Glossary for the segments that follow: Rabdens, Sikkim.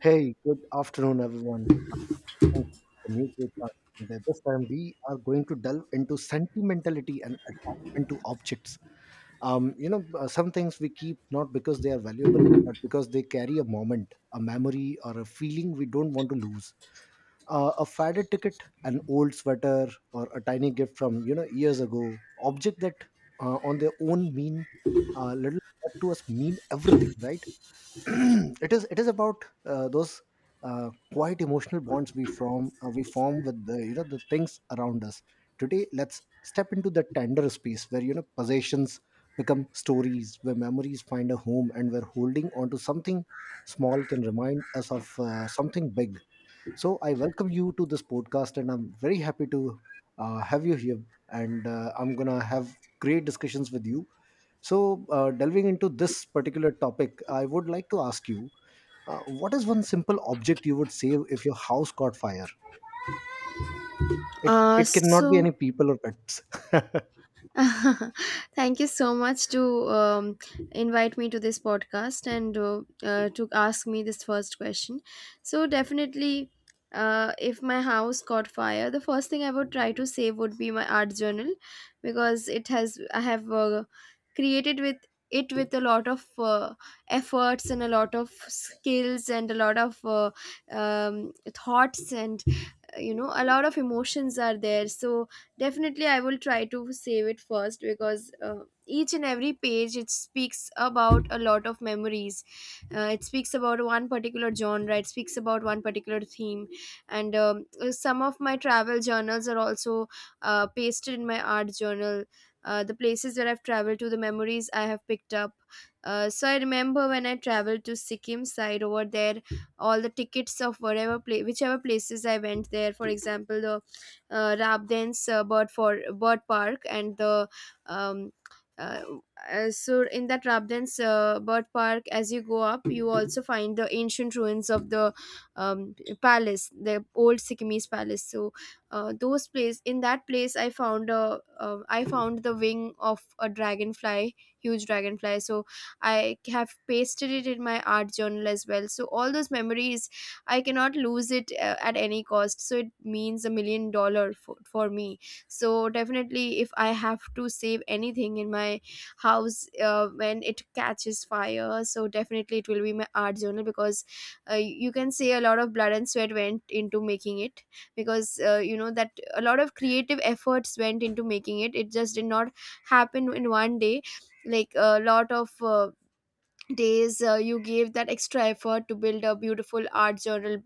Hey, good afternoon, everyone. Welcome to the new podcast. And this time we are going to delve into sentimentality and attachment to objects. Some things we keep not because they are valuable, but because they carry a moment, a memory, or a feeling we don't want to lose. A faded ticket, an old sweater, or a tiny gift from years ago. Object that, on their own, mean little, but to us mean everything, right? It is about those quite emotional bonds we form with the you know the things around us today. Let's step into the tender space where possessions become stories, where memories find a home, and where holding on to something small can remind us of something big. So I welcome you to this podcast, and I'm very happy to have you here. And I'm gonna have great discussions with you. So delving into this particular topic, I would like to ask you, what is one simple object you would save if your house caught fire? It Uh, it cannot be so any people or pets. thank you so much to invite me to this podcast and to ask me this first question. So definitely, if my house caught fire, the first thing I would try to save would be my art journal, because it has I have created with it with a lot of efforts and a lot of skills and a lot of thoughts and you know a lot of emotions are there. So definitely, I will try to save it first, because each and every page, it speaks about a lot of memories. It speaks about one particular genre, it speaks about one particular theme, and some of my travel journals are also pasted in my art journal, the places where I've traveled to, the memories I have picked up. So I remember when I traveled to Sikkim side over there, all the tickets of whatever pla whichever places I went there. For example, the Rabdens bird park and the um, uh, so in that Rabdens bird park, as you go up, you also find the ancient ruins of the palace, the old Sikkimese palace. So those place in that place, I found a I found the wing of a dragonfly, huge dragonfly. So I have pasted it in my art journal as well. So all those memories, I cannot lose it at any cost. So it means a million dollar for me. So definitely, if I have to save anything in my house when it catches fire, so definitely it will be my art journal, because you can say a lot of blood and sweat went into making it, because you know that a lot of creative efforts went into making it. It just did not happen in one day. Like a lot of days you gave that extra effort to build a beautiful art journal,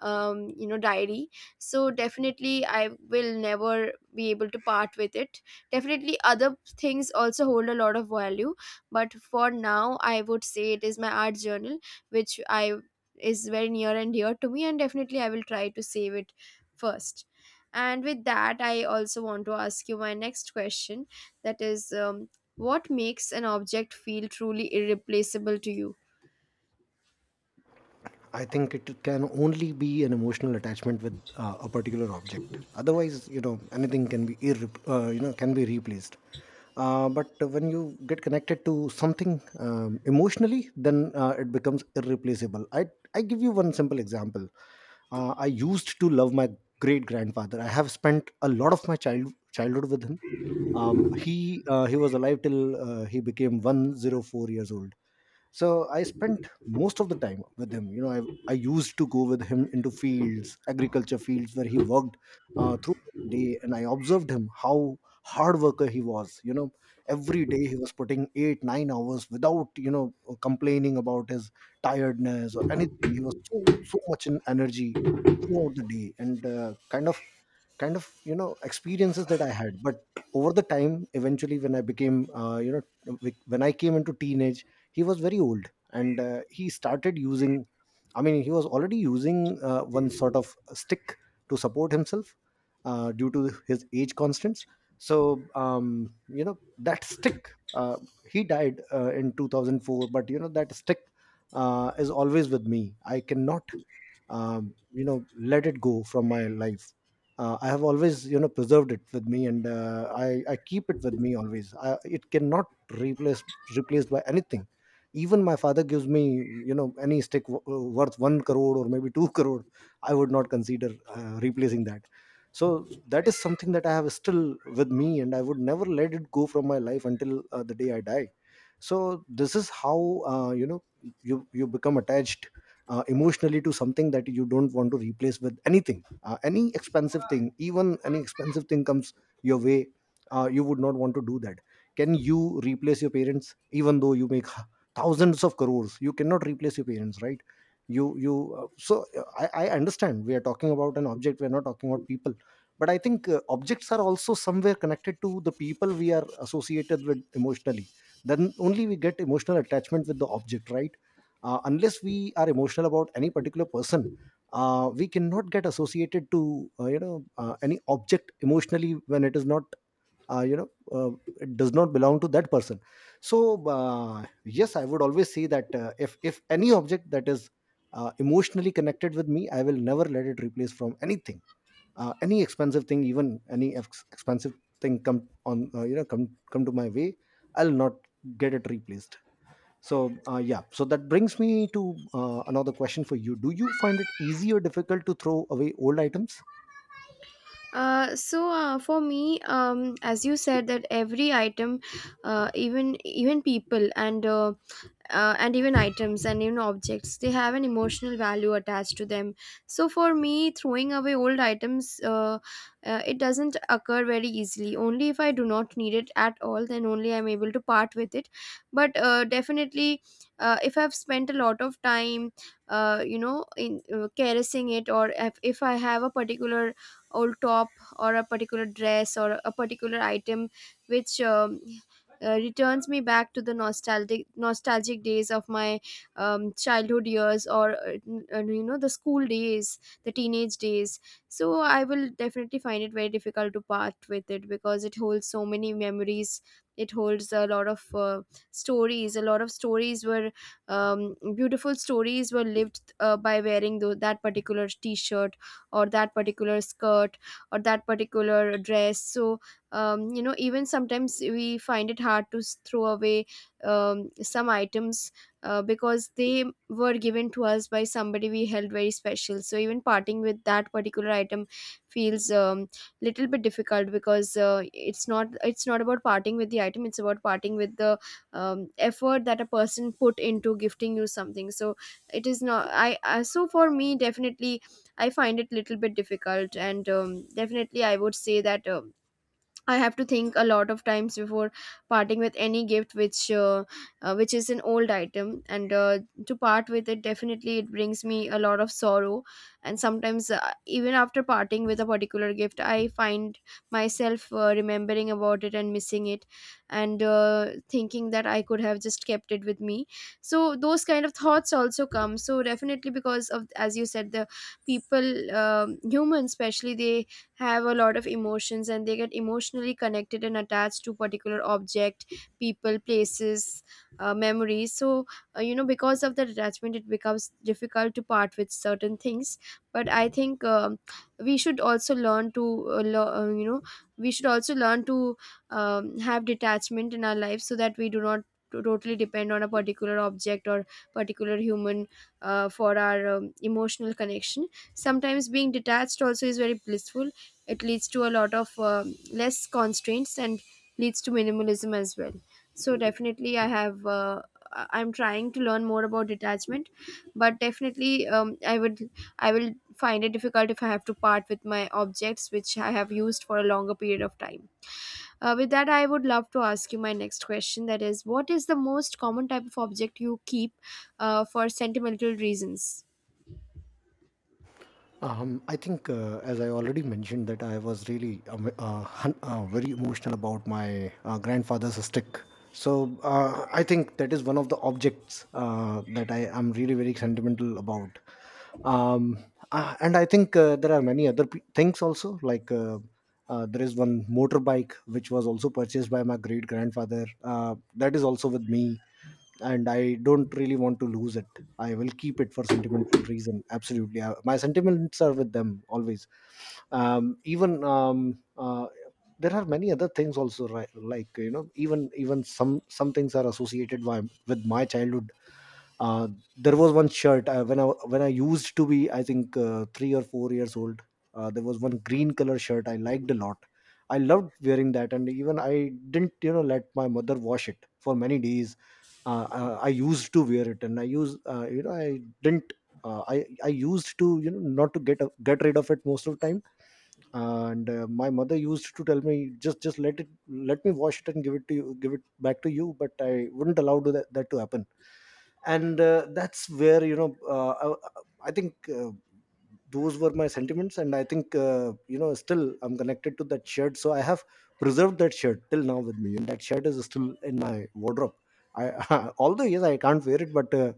you know, diary. So definitely, I will never be able to part with it. Definitely, other things also hold a lot of value, but for now I would say it is my art journal, which I is very near and dear to me, and definitely I will try to save it first. And with that, I also want to ask you my next question, that is, what makes an object feel truly irreplaceable to you? I think it can only be an emotional attachment with a particular object. Otherwise, you know, anything can be can be replaced. But when you get connected to something emotionally, then it becomes irreplaceable. I give you one simple example. I used to love my great grandfather. I have spent a lot of my childhood with him. He was alive till he became 104 years old, so I spent most of the time with him. I used to go with him into fields, agriculture fields, where he worked through the day, and I observed him how hard worker he was, you know. Every day he was putting 8 9 hours without, you know, complaining about his tiredness or anything. He was so so much in energy throughout the day and kind of experiences that I had. But over the time, eventually, when I became you know when I came into teenage, he was very old, and he started using, I mean, he was already using one sort of stick to support himself due to his age constants. So you know, that stick, uh, he died in 2004, but you know, that stick is always with me. I cannot, you know, let it go from my life. Uh, I have always, you know, preserved it with me, and I keep it with me always. It cannot replaced by anything. Even my father gives me, you know, any stick worth 1 crore or maybe 2 crore, I would not consider replacing that. So that is something that I have still with me, and I would never let it go from my life until the day I die. So this is how, uh, you know you become attached emotionally to something that you don't want to replace with anything, any expensive thing comes your way. Uh, you would not want to do that. Can you replace your parents? Even though you make thousands of crores, you cannot replace your parents, right? I understand we are talking about an object, we are not talking about people, but I think objects are also somewhere connected to the people we are associated with emotionally. Then only we get emotional attachment with the object, right? Uh, unless we are emotional about any particular person, we cannot get associated to, any object emotionally when it is not, uh, you know uh, it does not belong to that person. So yes, I would always say that if any object that is emotionally connected with me, I will never let it replace from anything, any expensive thing even any ex- expensive thing come on, come to my way, I'll not get it replaced. So, yeah, so that brings me to another question for you. Do you find it easy or difficult to throw away old items? So for me, as you said that every item, even people, and even items and even objects, they have an emotional value attached to them. So for me, throwing away old items, it doesn't occur very easily. Only if I do not need it at all, then only I'm able to part with it. But definitely, if I've spent a lot of time you know, in caressing it, or if I have a particular old top or a particular dress or a particular item which returns me back to the nostalgic nostalgic days of my childhood years, or you know, the school days, the teenage days. So I will definitely find it very difficult to part with it, because it holds so many memories. It holds a lot of stories, a lot of stories were beautiful stories were lived by wearing that particular t-shirt, or that particular skirt, or that particular dress. So you know, even sometimes we find it hard to throw away some items, because they were given to us by somebody we held very special. So even parting with that particular item feels little bit difficult, because it's not about parting with the item, it's about parting with the effort that a person put into gifting you something. So it is not I, I so for me definitely I find it little bit difficult. And definitely I would say that I have to think a lot of times before parting with any gift which is an old item, and to part with it, definitely it brings me a lot of sorrow. And sometimes even after parting with a particular gift, I find myself remembering about it and missing it, and thinking that I could have just kept it with me. So those kind of thoughts also come. So definitely, because of, as you said, the people, humans especially, they have a lot of emotions and they get emotionally connected and attached to particular object, people, places, memories. So you know, because of that attachment, it becomes difficult to part with certain things. But I think we should also learn to you know, we should also learn to have detachment in our life, so that we do not totally depend on a particular object or particular human for our emotional connection. Sometimes being detached also is very blissful. It leads to a lot of less constraints, and leads to minimalism as well. So definitely, I have I'm trying to learn more about detachment. But definitely, I will find it difficult if I have to part with my objects which I have used for a longer period of time. With that, I would love to ask you my next question, that is, what is the most common type of object you keep for sentimental reasons? I think, as I already mentioned, that I was really very emotional about my grandfather's stick. So I think that is one of the objects that I am really very sentimental about. um and I think, there are many other things also, like, there is one motorbike which was also purchased by my great grandfather. That is also with me, and I don't really want to lose it. I will keep it for sentimental reason, absolutely. My sentiments are with them always. Even There are many other things also, right? Like, you know, even some things are associated with my childhood. Uh, there was one shirt, when I used to be, I think, three or four years old. There was one green color shirt I liked a lot. I loved wearing that, and even I didn't, you know, let my mother wash it for many days. I used to wear it, and I used, I didn't. I used to, you know, not to get rid of it most of the time, and my mother used to tell me, just let it, let me wash it and give it to you, give it back to you, but I wouldn't allow to that to happen. And that's where you know I think, those were my sentiments and I think still I'm connected to that shirt, so I have preserved that shirt till now with me, and that shirt is still in my wardrobe. I although, yes, I can't wear it, but uh,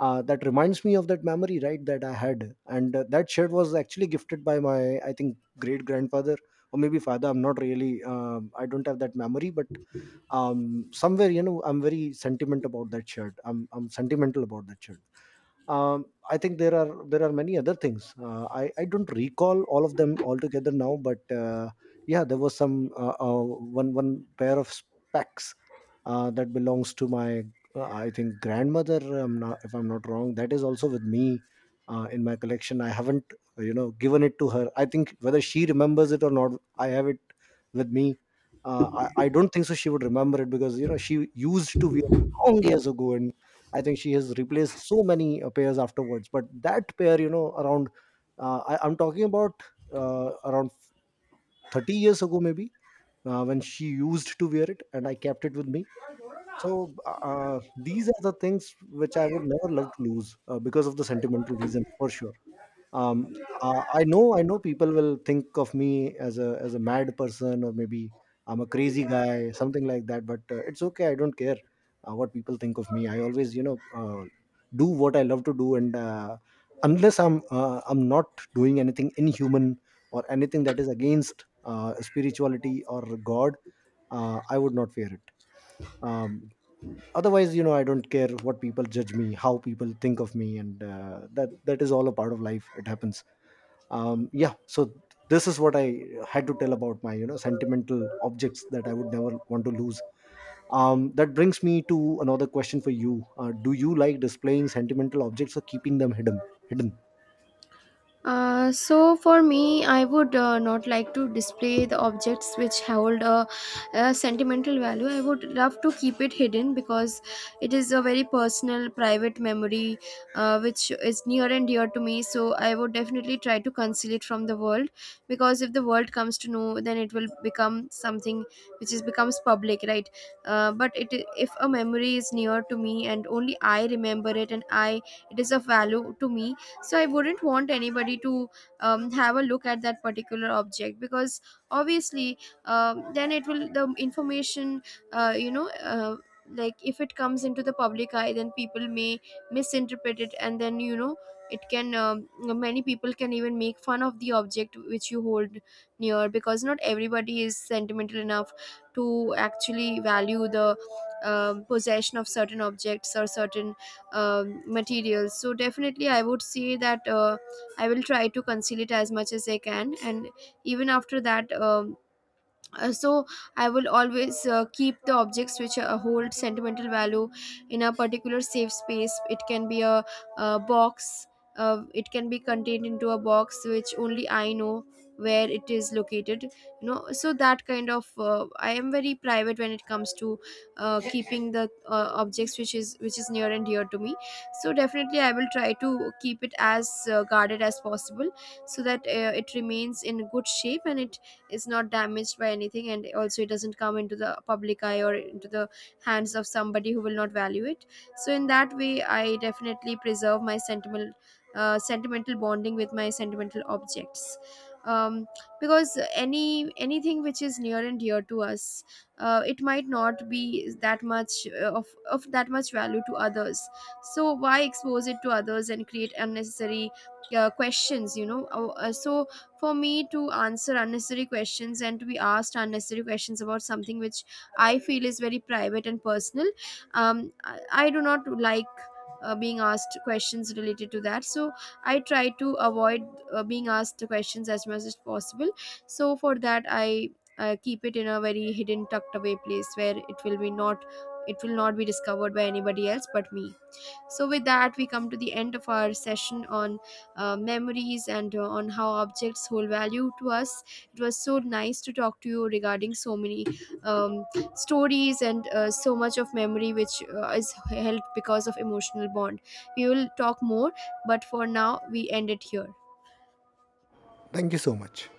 uh, that reminds me of that memory, right, that I had. And that shirt was actually gifted by my, I think, great grandfather or maybe father. I'm not really I don't have that memory, but somewhere, you know, I'm very sentiment about that shirt, I'm sentimental about that shirt. I think there are many other things, I don't recall all of them altogether now, but yeah, there was some, one pair of specs that belongs to my, I think, grandmother, not, if I'm not wrong, that is also with me in my collection. I haven't, given it to her. I think, whether she remembers it or not, I have it with me. I don't think so she would remember it, because you know, she used to wear long years ago, and I think she has replaced so many pairs afterwards. But that pair, you know, around, I'm talking about around 30 years ago, maybe, when she used to wear it, and I kept it with me. So these are the things which I would never love to lose because of the sentimental reasons, for sure. Um uh, i know i know people will think of me as a mad person, or maybe I'm a crazy guy, something like that, but it's okay, I don't care what people think of me. I always, do what I love to do, and unless I'm not doing anything inhuman or anything that is against spirituality or god, I would not fear it. um, Otherwise, you know, I don't care what people judge me, how people think of me. And that is all a part of life, it happens. Yeah, so this is what I had to tell about my, you know, sentimental objects that I would never want to lose. That brings me to another question for you. Uh, do you like displaying sentimental objects or keeping them hidden? So for me, I would not like to display the objects which hold a sentimental value. I would love to keep it hidden, because it is a very personal, private memory which is near and dear to me. So I would definitely try to conceal it from the world, because if the world comes to know, then it will become something which is becomes public, right? But it, if a memory is near to me and only I remember it, and I it is of value to me, so I wouldn't want anybody to have a look at that particular object, because obviously then it will, the information you know, like if it comes into the public eye, then people may misinterpret it. And then you know, it can many people can even make fun of the object which you hold near, because not everybody is sentimental enough to actually value the possession of certain objects or certain materials. So definitely I would say that I will try to conceal it as much as I can. And even after that, so I will always keep the objects which hold sentimental value in a particular safe space. It can be box, it can be contained into a box which only I know where it is located, you know. So that kind of, I am very private when it comes to keeping the objects which is near and dear to me. So definitely, I will try to keep it as guarded as possible, so that it remains in good shape, and it is not damaged by anything, and also it doesn't come into the public eye or into the hands of somebody who will not value it. So in that way, I definitely preserve my sentimental sentimental bonding with my sentimental objects. um, because anything which is near and dear to us, it might not be that much of that much value to others. So why expose it to others and create unnecessary questions, you know? So for me, to answer unnecessary questions and to be asked unnecessary questions about something which I feel is very private and personal. Um, I, I do not like being asked questions related to that. So I try to avoid being asked questions as much as possible. So for that, I keep it in a very hidden, tucked away place where it will not be discovered by anybody else but me. So with that, we come to the end of our session on memories, and on how objects hold value to us. It was so nice to talk to you regarding so many um, stories, and so much of memory which is held because of emotional bond. We will talk more, but for now, we end it here. Thank you so much.